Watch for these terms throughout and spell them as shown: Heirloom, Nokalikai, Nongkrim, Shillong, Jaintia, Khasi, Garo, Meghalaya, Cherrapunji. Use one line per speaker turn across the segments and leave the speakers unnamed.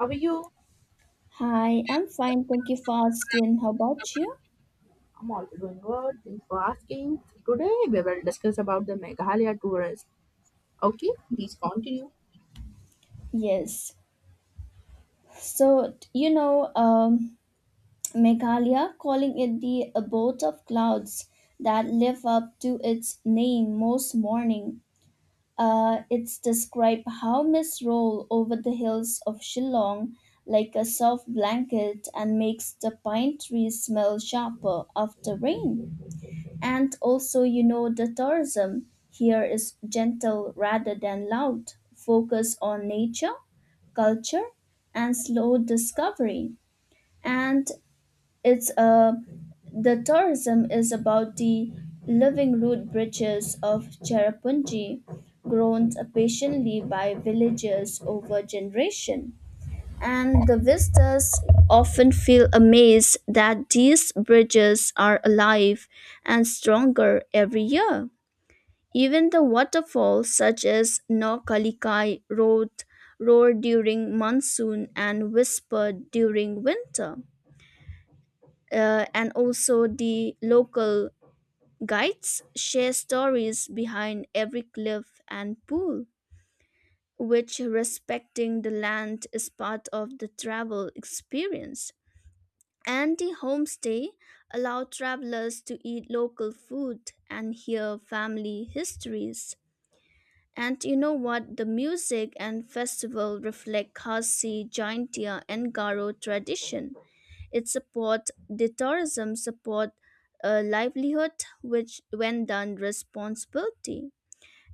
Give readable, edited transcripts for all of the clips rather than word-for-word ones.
How are you?
Hi, I'm fine. Thank you for asking. How about you?
I'm also doing good. Thanks for asking. So today we will discuss about the Meghalaya tourist. Okay, please continue.
Yes. So, t- you know, um, Meghalaya calling it the abode of clouds that live up to its name most morning. It's described how mists roll over the hills of Shillong like a soft blanket and makes the pine trees smell sharper after rain. And also, you know, the tourism here is gentle rather than loud, focus on nature, culture, and slow discovery. And it's the tourism is about the living root bridges of Cherrapunji, grown patiently by villagers over generation and the visitors often feel amazed that these bridges are alive and stronger every year. Even the waterfalls such as Nokalikai road roar during monsoon and whisper during winter. And also the local guides share stories behind every cliff and pool, which respecting the land is part of the travel experience. And the homestay allow travelers to eat local food and hear family histories. And you know what? The music and festival reflect Khasi, Jaintia, and Garo tradition. It support the tourism support livelihood, which when done responsibility,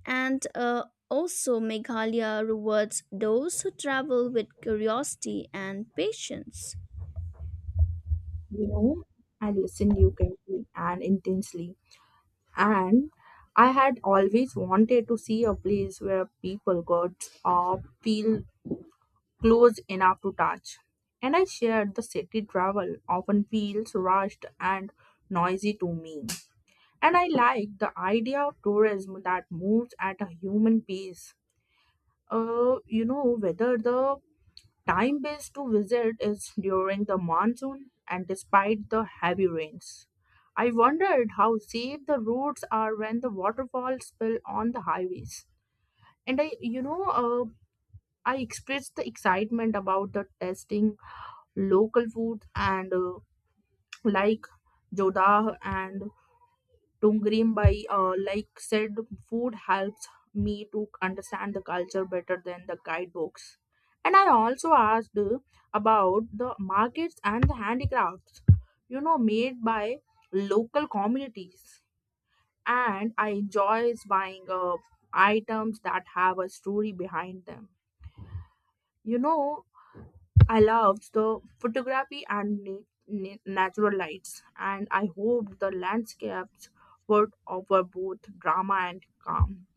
and also Meghalaya rewards those who travel with curiosity and patience.
You know, I listened you carefully and intensely, and I had always wanted to see a place where people got or feel close enough to touch. And I shared the city travel often feels rushed and noisy to me. And I like the idea of tourism that moves at a human pace whether the time base to visit is during the monsoon and despite the heavy rains. I wondered how safe the roads are when the waterfalls spill on the highways. And I, I expressed the excitement about the testing local food and like Jodah and to Greenby, like said, food helps me to understand the culture better than the guidebooks. And I also asked about the markets and the handicrafts, you know, made by local communities. And I enjoy buying items that have a story behind them. You know, I loved the photography and natural lights, and I hoped the landscapes would offer both drama and calm.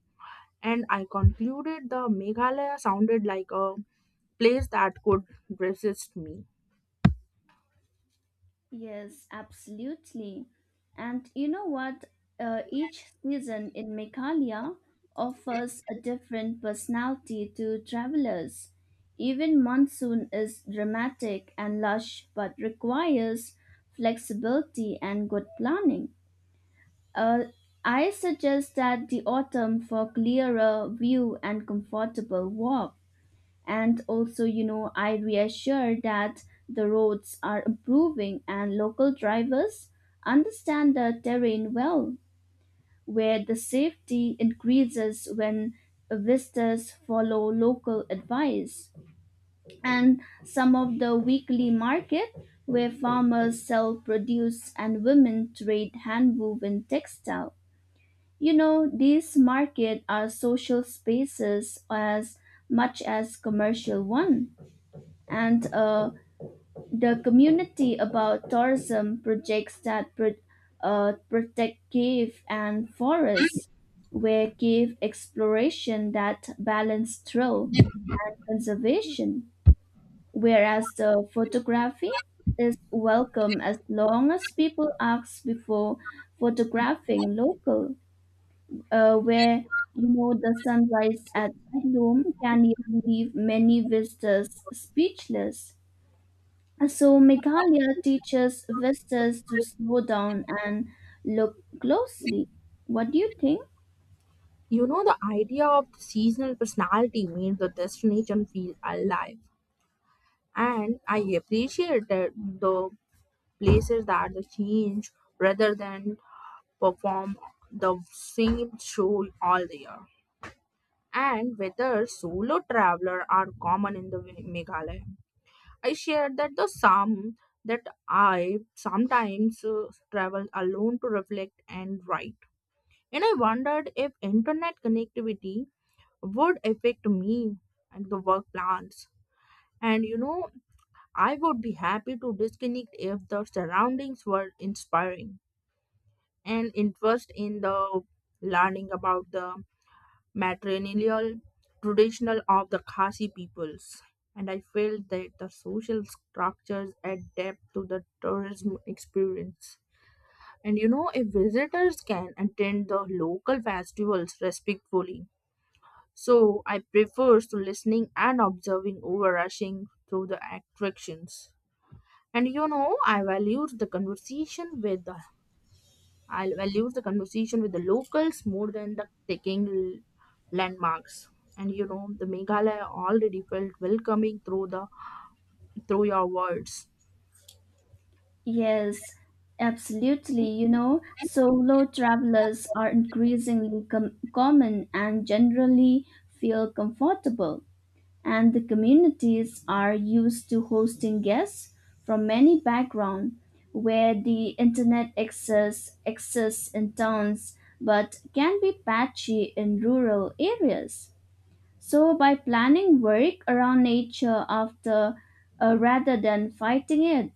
And I concluded the Meghalaya sounded like a place that could resist me.
Yes, absolutely. And you know what? Each season in Meghalaya offers a different personality to travelers. Even monsoon is dramatic and lush, but requires flexibility and good planning. Uh, I suggest that the autumn for clearer view and comfortable walk. And also, you know, I reassure that the roads are improving and local drivers understand the terrain well, where the safety increases when visitors follow local advice. And some of the weekly market where farmers sell produce and women trade hand-woven textile. You know, these markets are social spaces as much as commercial ones and the community about tourism projects that protect cave and forests, where cave exploration that balance thrill and conservation, whereas the photography is welcome as long as people ask before photographing local, where you know the sunrise at Heirloom can even leave many visitors speechless. So Meghalaya teaches visitors to slow down and look closely. What do you think?
You know, the idea of seasonal personality made the destination feel alive, and I appreciated the places that the change rather than perform the same show all the year. And whether solo traveler are common in the Meghalaya. I shared that the some that I sometimes travel alone to reflect and write. And I wondered if internet connectivity would affect me and the work plans. And you know, I would be happy to disconnect if the surroundings were inspiring and interest in the learning about the matrilineal traditional of the Khasi peoples. And I felt that the social structures adapt to the tourism experience. And you know, if visitors can attend the local festivals respectfully. So I prefers to listening and observing over rushing through the attractions. And you know, I'll value the conversation with the locals more than the taking landmarks. And you know, the Meghalaya already felt welcoming through your words.
Yes, absolutely. You know,
And,
solo travelers are increasingly common and generally feel comfortable. And the communities are used to hosting guests from many backgrounds where the internet access exists in towns but can be patchy in rural areas. So, by planning work around nature after rather than fighting it,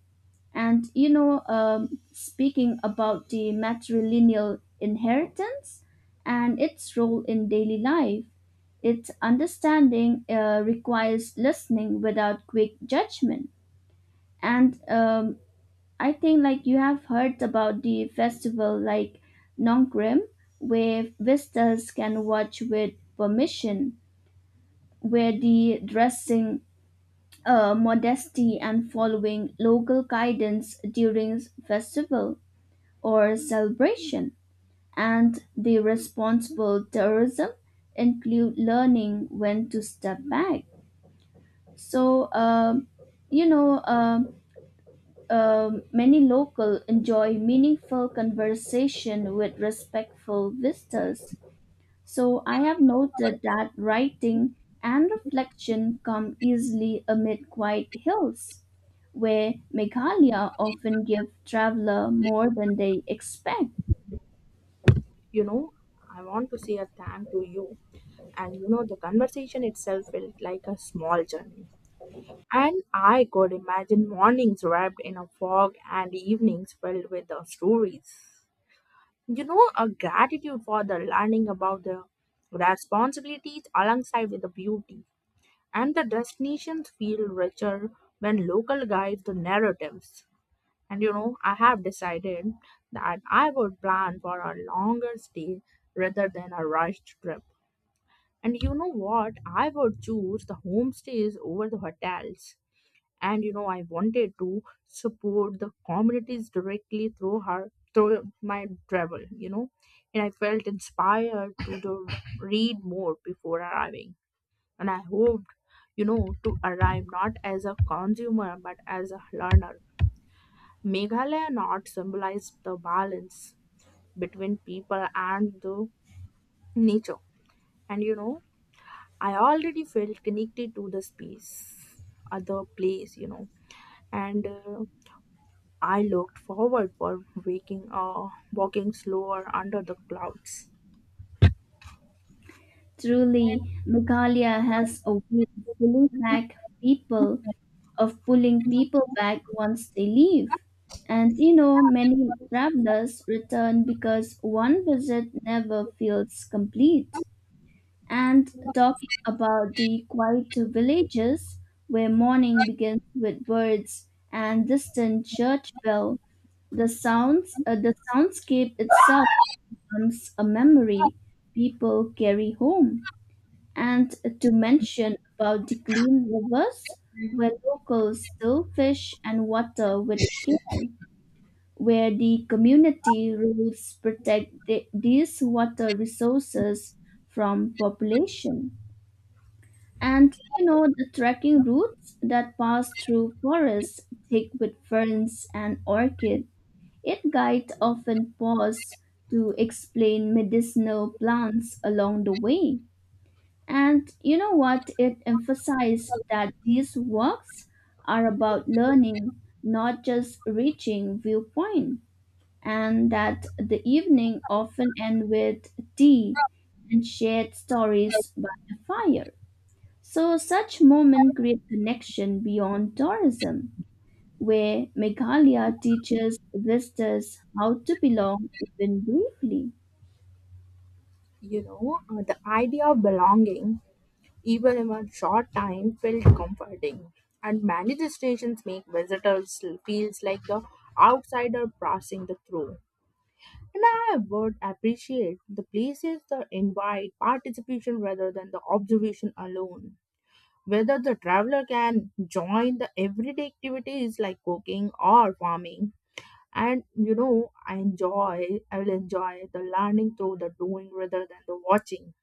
and speaking about the matrilineal inheritance and its role in daily life, its understanding requires listening without quick judgment. And I think, like, you have heard about the festival like Nongkrim, where visitors can watch with permission where the dressing modesty and following local guidance during festival or celebration and the responsible tourism include learning when to step back. so um, you know um, Many local enjoy meaningful conversation with respectful visitors. So I have noted that writing and reflection come easily amid quiet hills, where Meghalaya often give traveler more than they expect.
you know, I want to say a thank to you. And you know, the conversation itself felt like a small journey. And I could imagine mornings wrapped in a fog and evenings filled with the stories. You know, a gratitude for the learning about the responsibilities alongside with the beauty, and the destinations feel richer when local guide the narratives. And you know, I have decided that I would plan for a longer stay rather than a rushed trip. And you know what? I would choose the homestays over the hotels. And you know, I wanted to support the communities directly through my travel, you know. And I felt inspired to do, read more before arriving and I hoped, you know, to arrive not as a consumer but as a learner. Meghalaya not symbolized the balance between people and the nature. And you know, I already felt connected to the space, other place, you know, and I looked forward for waking or walking slower under the clouds.
Truly, Meghalaya has a way of pulling back people, of pulling people back once they leave. And you know, many travelers return because one visit never feels complete. And talking about the quiet villages where morning begins with birds and distant church bell. The soundscape itself becomes a memory people carry home. And to mention about the clean rivers where locals still fish and water with care, where the community rules protect the, these water resources from population. And you know the trekking routes that pass through forests thick with ferns and orchids. It guide often pause to explain medicinal plants along the way. And you know what? It emphasized that these walks are about learning, not just reaching viewpoint, and that the evening often end with tea and shared stories by the fire. So such moments create connection beyond tourism, where Meghalaya teaches visitors how to belong even briefly.
The idea of belonging even in a short time, felt comforting. And many destinations make visitors feels like the outsider passing the through. And I would appreciate the places that invite participation rather than the observation alone. Whether the traveler can join the everyday activities like cooking or farming. And you know, I will enjoy the learning through the doing rather than the watching.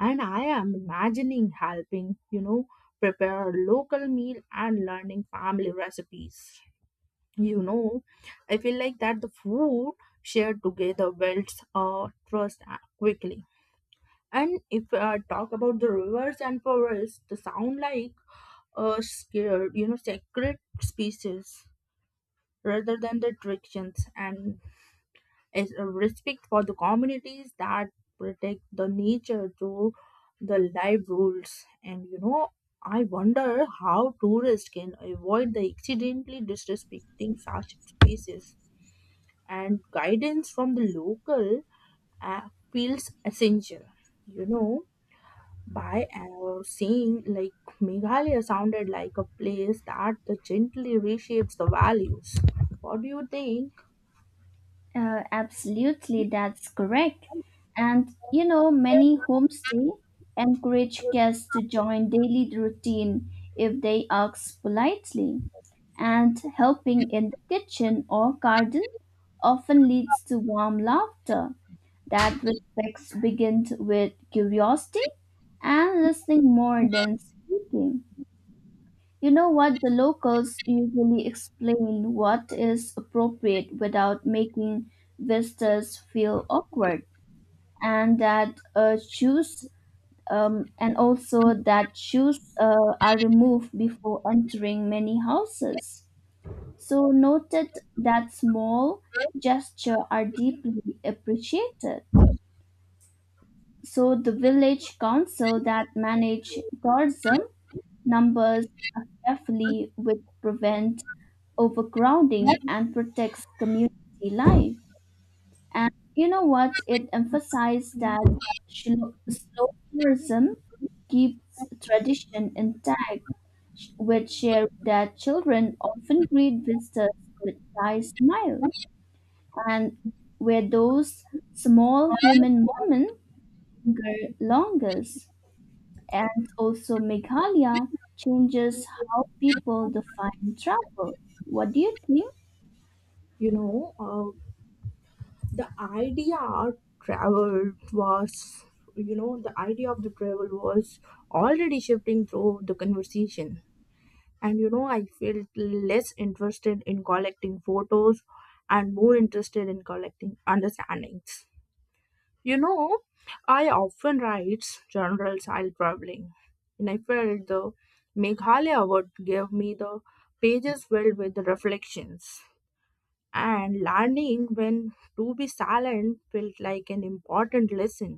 And I am imagining helping, you know, prepare local meal and learning family recipes. You know, I feel like that the food shared together builds trust quickly. And if I talk about the rivers and forests, they sound like a sacred species rather than the restrictions and is a respect for the communities that protect the nature through the live rules, and you know I wonder how tourists can avoid the accidentally disrespecting such spaces, and guidance from the local uh, feels essential. You know, by saying like Meghalaya sounded like a place that the gently reshapes the values. What do you think?
Absolutely, that's correct. And you know, many homestay encourage guests to join daily routine if they ask politely. And helping in the kitchen or garden often leads to warm laughter. That respect begins with curiosity and listening more than speaking. You know what? The locals usually explain what is appropriate without making visitors feel awkward, and that shoes and also that shoes are removed before entering many houses. So noted that small gesture are deeply appreciated. So the village council that manage tourism numbers carefully which prevent overcrowding and protects community life. And you know what? It emphasized that slow tourism keeps tradition intact, which share that children often greet visitors with shy smile, and where those small human moments linger longest. And also, Meghalaya changes how people define travel. What do you think?
you know uh, the idea of travel was you know the idea of the travel was already shifting through the conversation. And you know, I felt less interested in collecting photos and more interested in collecting understandings. You know, I often write journals while traveling, and I felt the Meghalaya would give me the pages filled with the reflections, and learning when to be silent felt like an important lesson.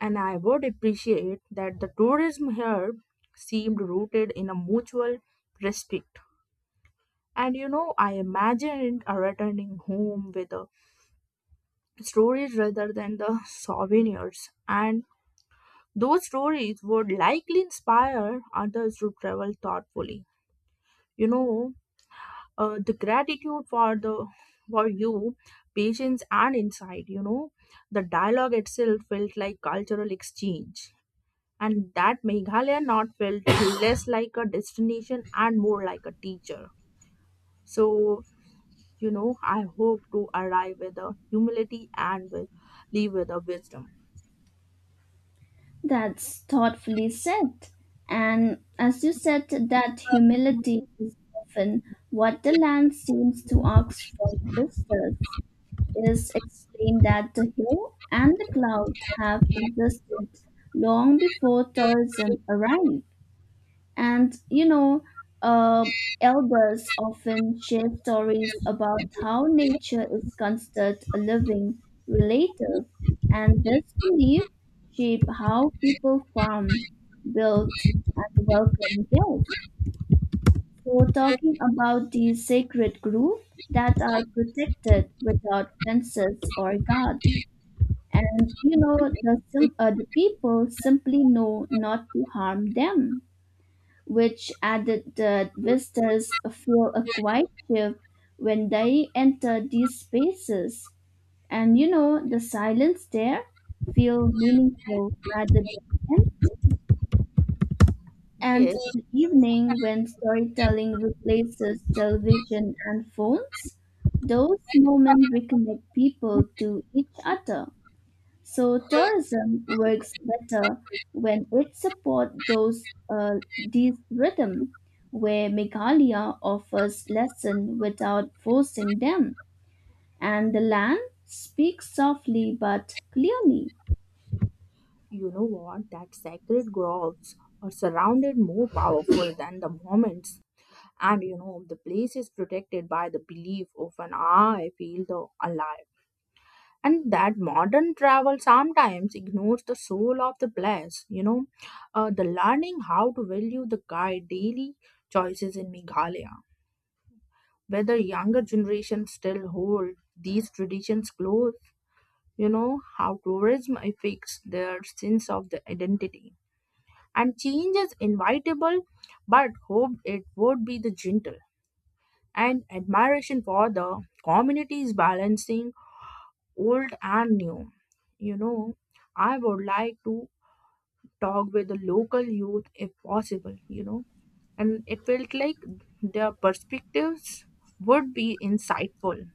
And I would appreciate that the tourism here seemed rooted in a mutual respect. And you know, I imagined a returning home with the stories rather than the souvenirs. And those stories would likely inspire others to travel thoughtfully. You know, the gratitude for the for you patience and insight, you know, the dialogue itself felt like cultural exchange, and that Meghalaya not felt less like a destination and more like a teacher. So you know, I hope to arrive with a humility and with leave with a wisdom.
That's thoughtfully said. And as you said, that humility is often what the land seems to ask from visitors. It is explained that the hill and the cloud have existed long before tourism arrived. And uh, elders often share stories about how nature is considered a living relative, and this belief shape how people farm, build, and welcome guests. So, talking about these sacred groups that are protected without fences or guards, and you know, the people simply know not to harm them which added that visitors feel a quiet shift when they enter these spaces. And you know, the silence there feel meaningful rather than empty. And
Yes,
the evening when storytelling replaces television and phones, those moments reconnect people to each other. So tourism works better when it supports those these rhythm, where Meghalaya offers lesson without forcing them, and the land speaks softly but clearly.
you know what, that sacred groves are surrounded more powerful than the moments. And you know, the place is protected by the belief of an I feel the alive, and that modern travel sometimes ignores the soul of the place. You know, the learning how to value the guide daily choices in Meghalaya, whether younger generations still hold these traditions close, you know, how tourism affects their sense of the identity, and change is inevitable but hope it would be the gentle, and admiration for the communities balancing old and new. You know, I would like to talk with the local youth if possible, you know, and it felt like their perspectives would be insightful,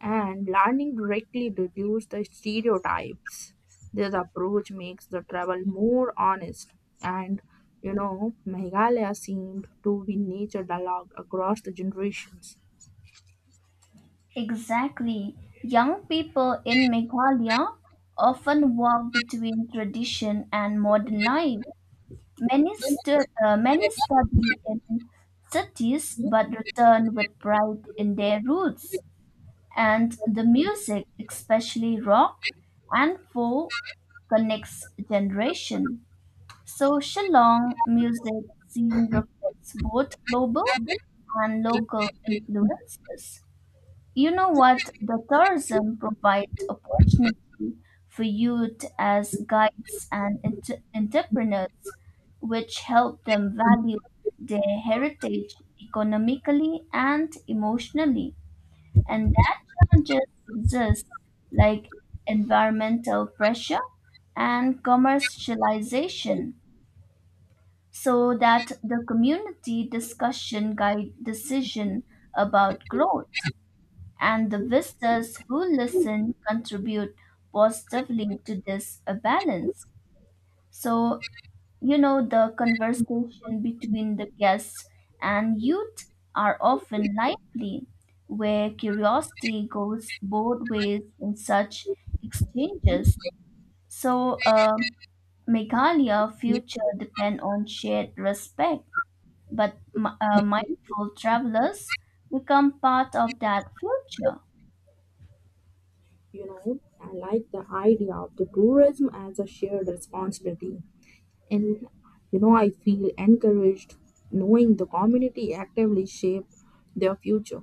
and learning directly reduce the stereotypes. This approach makes the travel more honest, and you know, Meghalaya seemed to be nature dialogue across the generations.
Exactly, young people in Meghalaya often walk between tradition and modern life. Many study in cities but return with pride in their roots. And the music, especially rock and folk, connects generation. So Shillong music scene reflects both global
You
and local influences. You know what? The tourism provides opportunity for youth as guides and entrepreneurs, which help them value their heritage economically and emotionally. And that challenges exist like environmental pressure and commercialization so that the community discussion guide decision about growth and the visitors who listen contribute positively to this balance. So you know, the conversation between the guests and youth are often lively, where curiosity goes both ways in such exchanges. So, Meghalaya future depend on shared respect, but mindful travelers become part of that future.
know, I like the idea of the tourism as a shared responsibility. And you know, I feel encouraged knowing the community actively shape their future.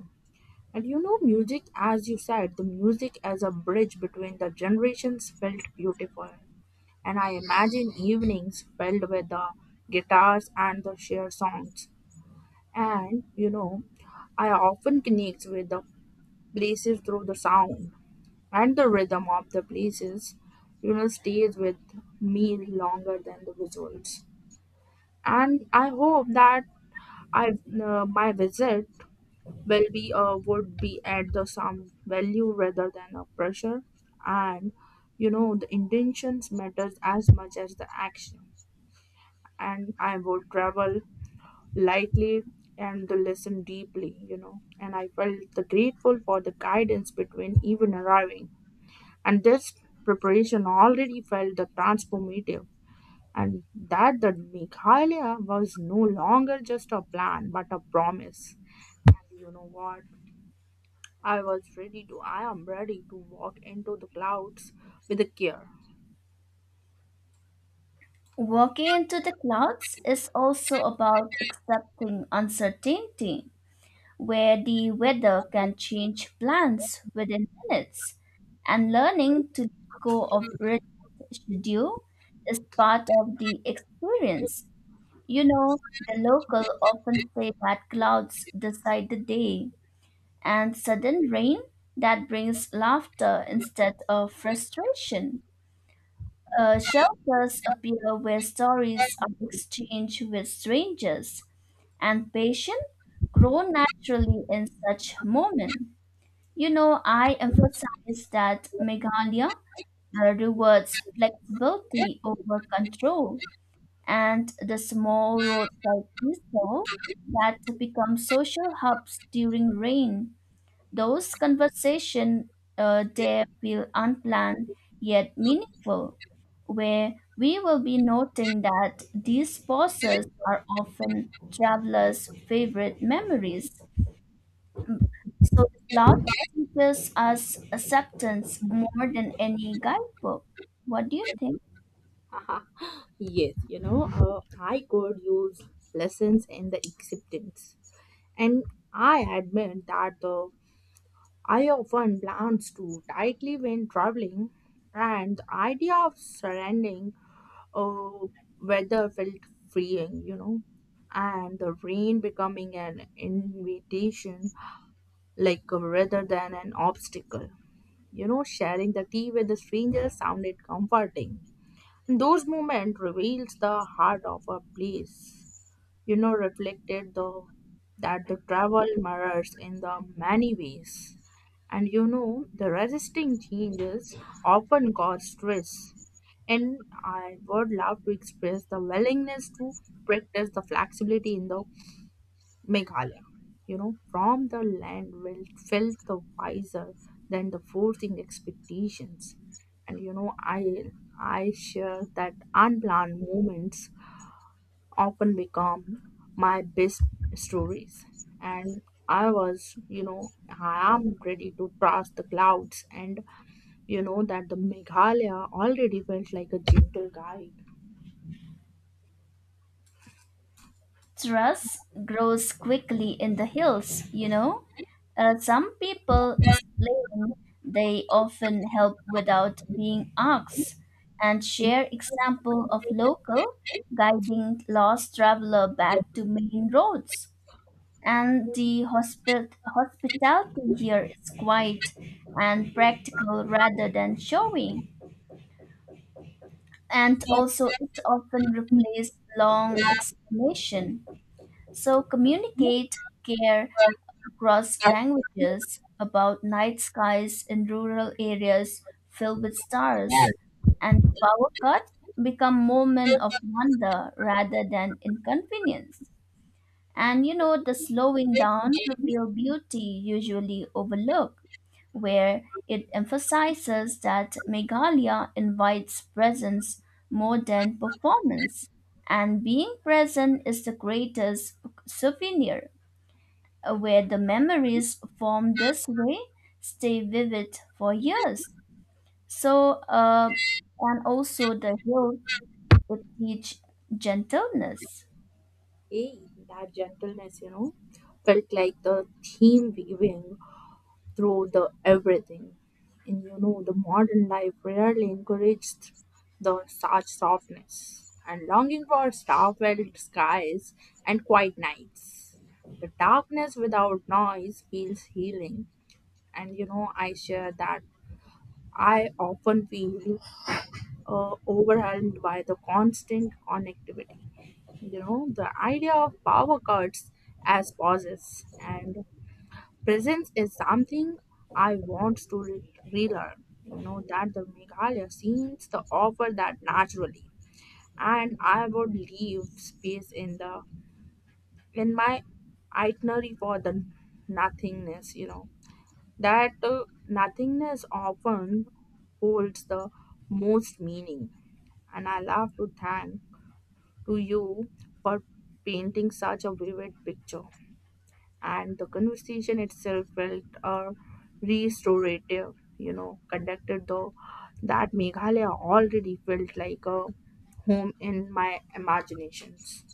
And you know, music, as you said, the music as a bridge between the generations felt beautiful. And I imagine evenings filled with the guitars and the shared songs. And you know, I often connect with the places through the sound, and the rhythm of the places, you know, stays with me longer than the visuals. And I hope that I my visit will be would be at the some value rather than a pressure. And you know, the intentions matters as much as the action, and I would travel lightly and to listen deeply. You know, and I felt the grateful for the guidance between even arriving, and this preparation already felt the transformative, and that the Meghalaya was no longer just a plan but a promise. You know what? I am ready to walk into the clouds with a care.
Walking into the clouds is also about accepting uncertainty where the weather can change plans within minutes, and learning to let go of rigid schedule is part of the experience. You know, the local often say that clouds decide the day, and sudden rain that brings laughter instead of frustration. Shelters appear where stories are exchanged with strangers, and patients grow naturally in such moments. You know, I emphasize that Meghalaya rewards flexibility over control, and the small roadside stall that become social hubs during rain, those conversations there feel unplanned yet meaningful, where we will be noting that these pauses are often travelers' favorite memories. So the cloud teaches us acceptance more than any guidebook. What do you think?
Haha. Yes, you know, I could use lessons in the acceptance. And I admit that the I often plans too tightly when traveling, and the idea of surrendering uh, weather felt freeing, you know, and the rain becoming an invitation, rather than an obstacle. You know, sharing the tea with the stranger sounded comforting. Those moments revealed the heart of a place. You know, reflected the that the travel mirrors in the many ways. And you know, the resisting changes often cause stress, and I would love to express the willingness to practice the flexibility in the Meghalaya. You know, from the land will felt the wiser than the forcing expectations. And you know, I share that unplanned moments often become my best stories. And I was, you know, I am ready to trust the clouds, and you know that the Meghalaya already felt like a gentle guide.
Trust grows quickly in the hills, you know. Some people explain they often help without being asked and share example of local guiding lost traveler back to main roads. And the hospitality here is quiet and practical rather than showing. And also it often replaces long explanation. So communicate care across languages about night skies in rural areas filled with stars and power cut become moment of wonder rather than inconvenience. And you know, the slowing down reveal beauty usually overlooked, where it emphasizes that Meghalaya invites presence more than performance. And being present is the greatest souvenir, where the memories formed this way stay vivid for years. So, uh, and also the hills, it teach gentleness.
Hey, that gentleness, you know, felt like the theme weaving through the everything. And you know, the modern life rarely encouraged the such softness and longing for star-filled skies and quiet nights. The darkness without noise feels healing, and you know, I share that I often feel overwhelmed by the constant connectivity. You know, the idea of power cuts as pauses and presence is something I want to relearn. You know that the Meghalaya scenes the offer that naturally, and I would leave space in the in my itinerary for the nothingness. You know, that nothingness often holds the most meaning. And I love to thank to you for painting such a vivid picture, and the conversation itself felt restorative. You know, conducted though, that Meghalaya already felt like a home in my imaginations.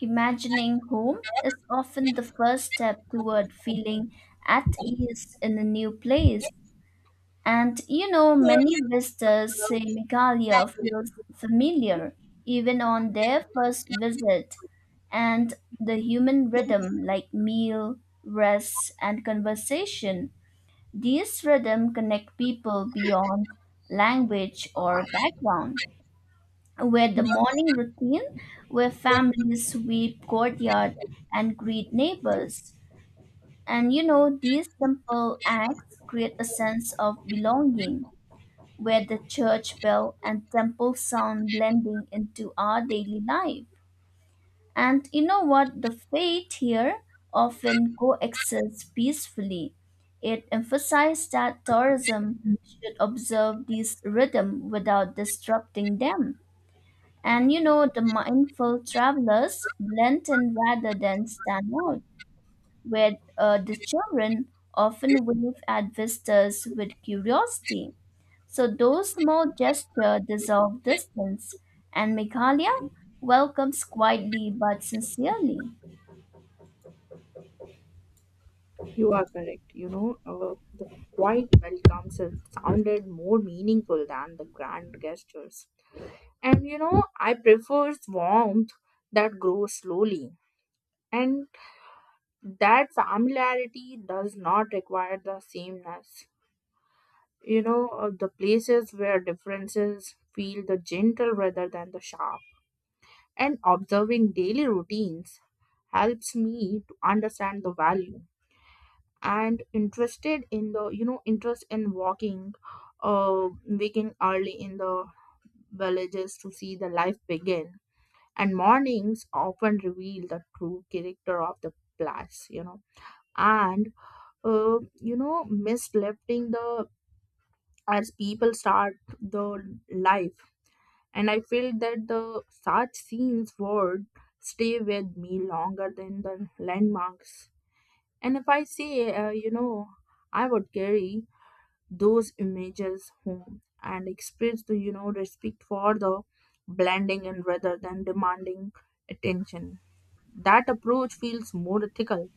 Imagining home is often the first step toward feeling at ease in a new place. And you know, many visitors say Meghalaya feels familiar even on their first visit. And the human rhythm, like meal, rest, and conversation, these rhythm connect people beyond language or background with the morning routine where families sweep courtyard and greet neighbors. And you know, these simple acts create a sense of belonging where the church bell and temple sound blending into our daily life. And you know what? The faith here often coexists peacefully. It emphasized that tourism should observe this rhythm without disrupting them and you know, the mindful travelers blend in rather than stand out, where the children often wave at visitors with curiosity. So those small gestures dissolve distance, and Meghalaya welcomes quietly but sincerely.
You are correct, you know, the quiet welcomes it sounded more meaningful than the grand gestures. And you know, I prefer warmth that grows slowly, and that familiarity does not require the sameness. You know, the places where differences feel the gentle rather than the sharp, and observing daily routines helps me to understand the value, and interested in the interest in walking waking early in the villages to see the life begin. And mornings often reveal the true character of the place, you know. And mislifting the as people start the life, and I feel that the such scenes would stay with me longer than the landmarks. And if I say, I would carry those images home and express the, you know, respect for the blending and rather than demanding attention. That approach feels more ethical.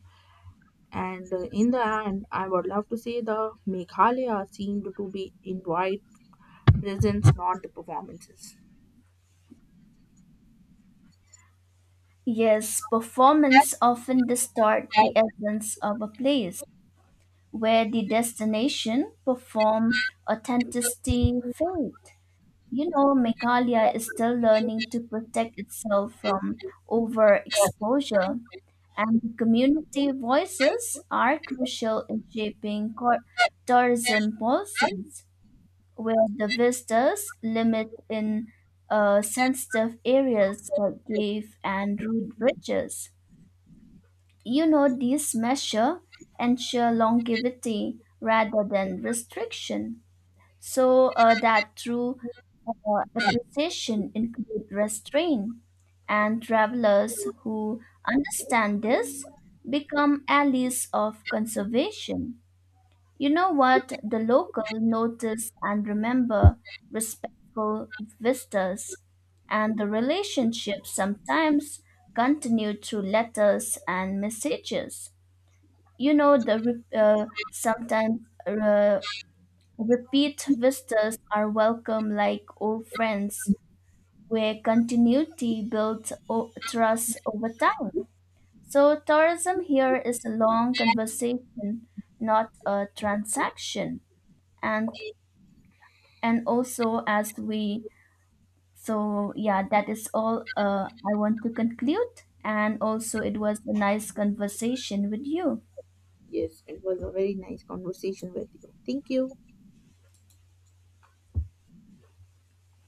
And in the end, I would love to say the Meghalaya seemed to be invite presence, not the performances.
Yes, performance
That's
often distort the essence of a place, where the destination perform authenticity
right.
fade. You know, Meghalaya is still learning to protect itself from overexposure, and the community voices are crucial in shaping tourism policies, where the visitors limit in sensitive areas like cave and road bridges. You know, these measures ensure longevity rather than restriction. That true appreciation include restraint and travelers who understand this become allies of conservation. You know what, the local notice and remember respectful visitors and the relationship sometimes continue through letters and messages. You know, the re- sometimes uh, repeat visitors are welcome like old friends, where continuity builds trust over time. So, tourism here is a long conversation, not a transaction. And and also as we so yeah, that is all I want to conclude. And also, it was a nice conversation with you.
Yes, it was a very nice conversation with you. Thank you.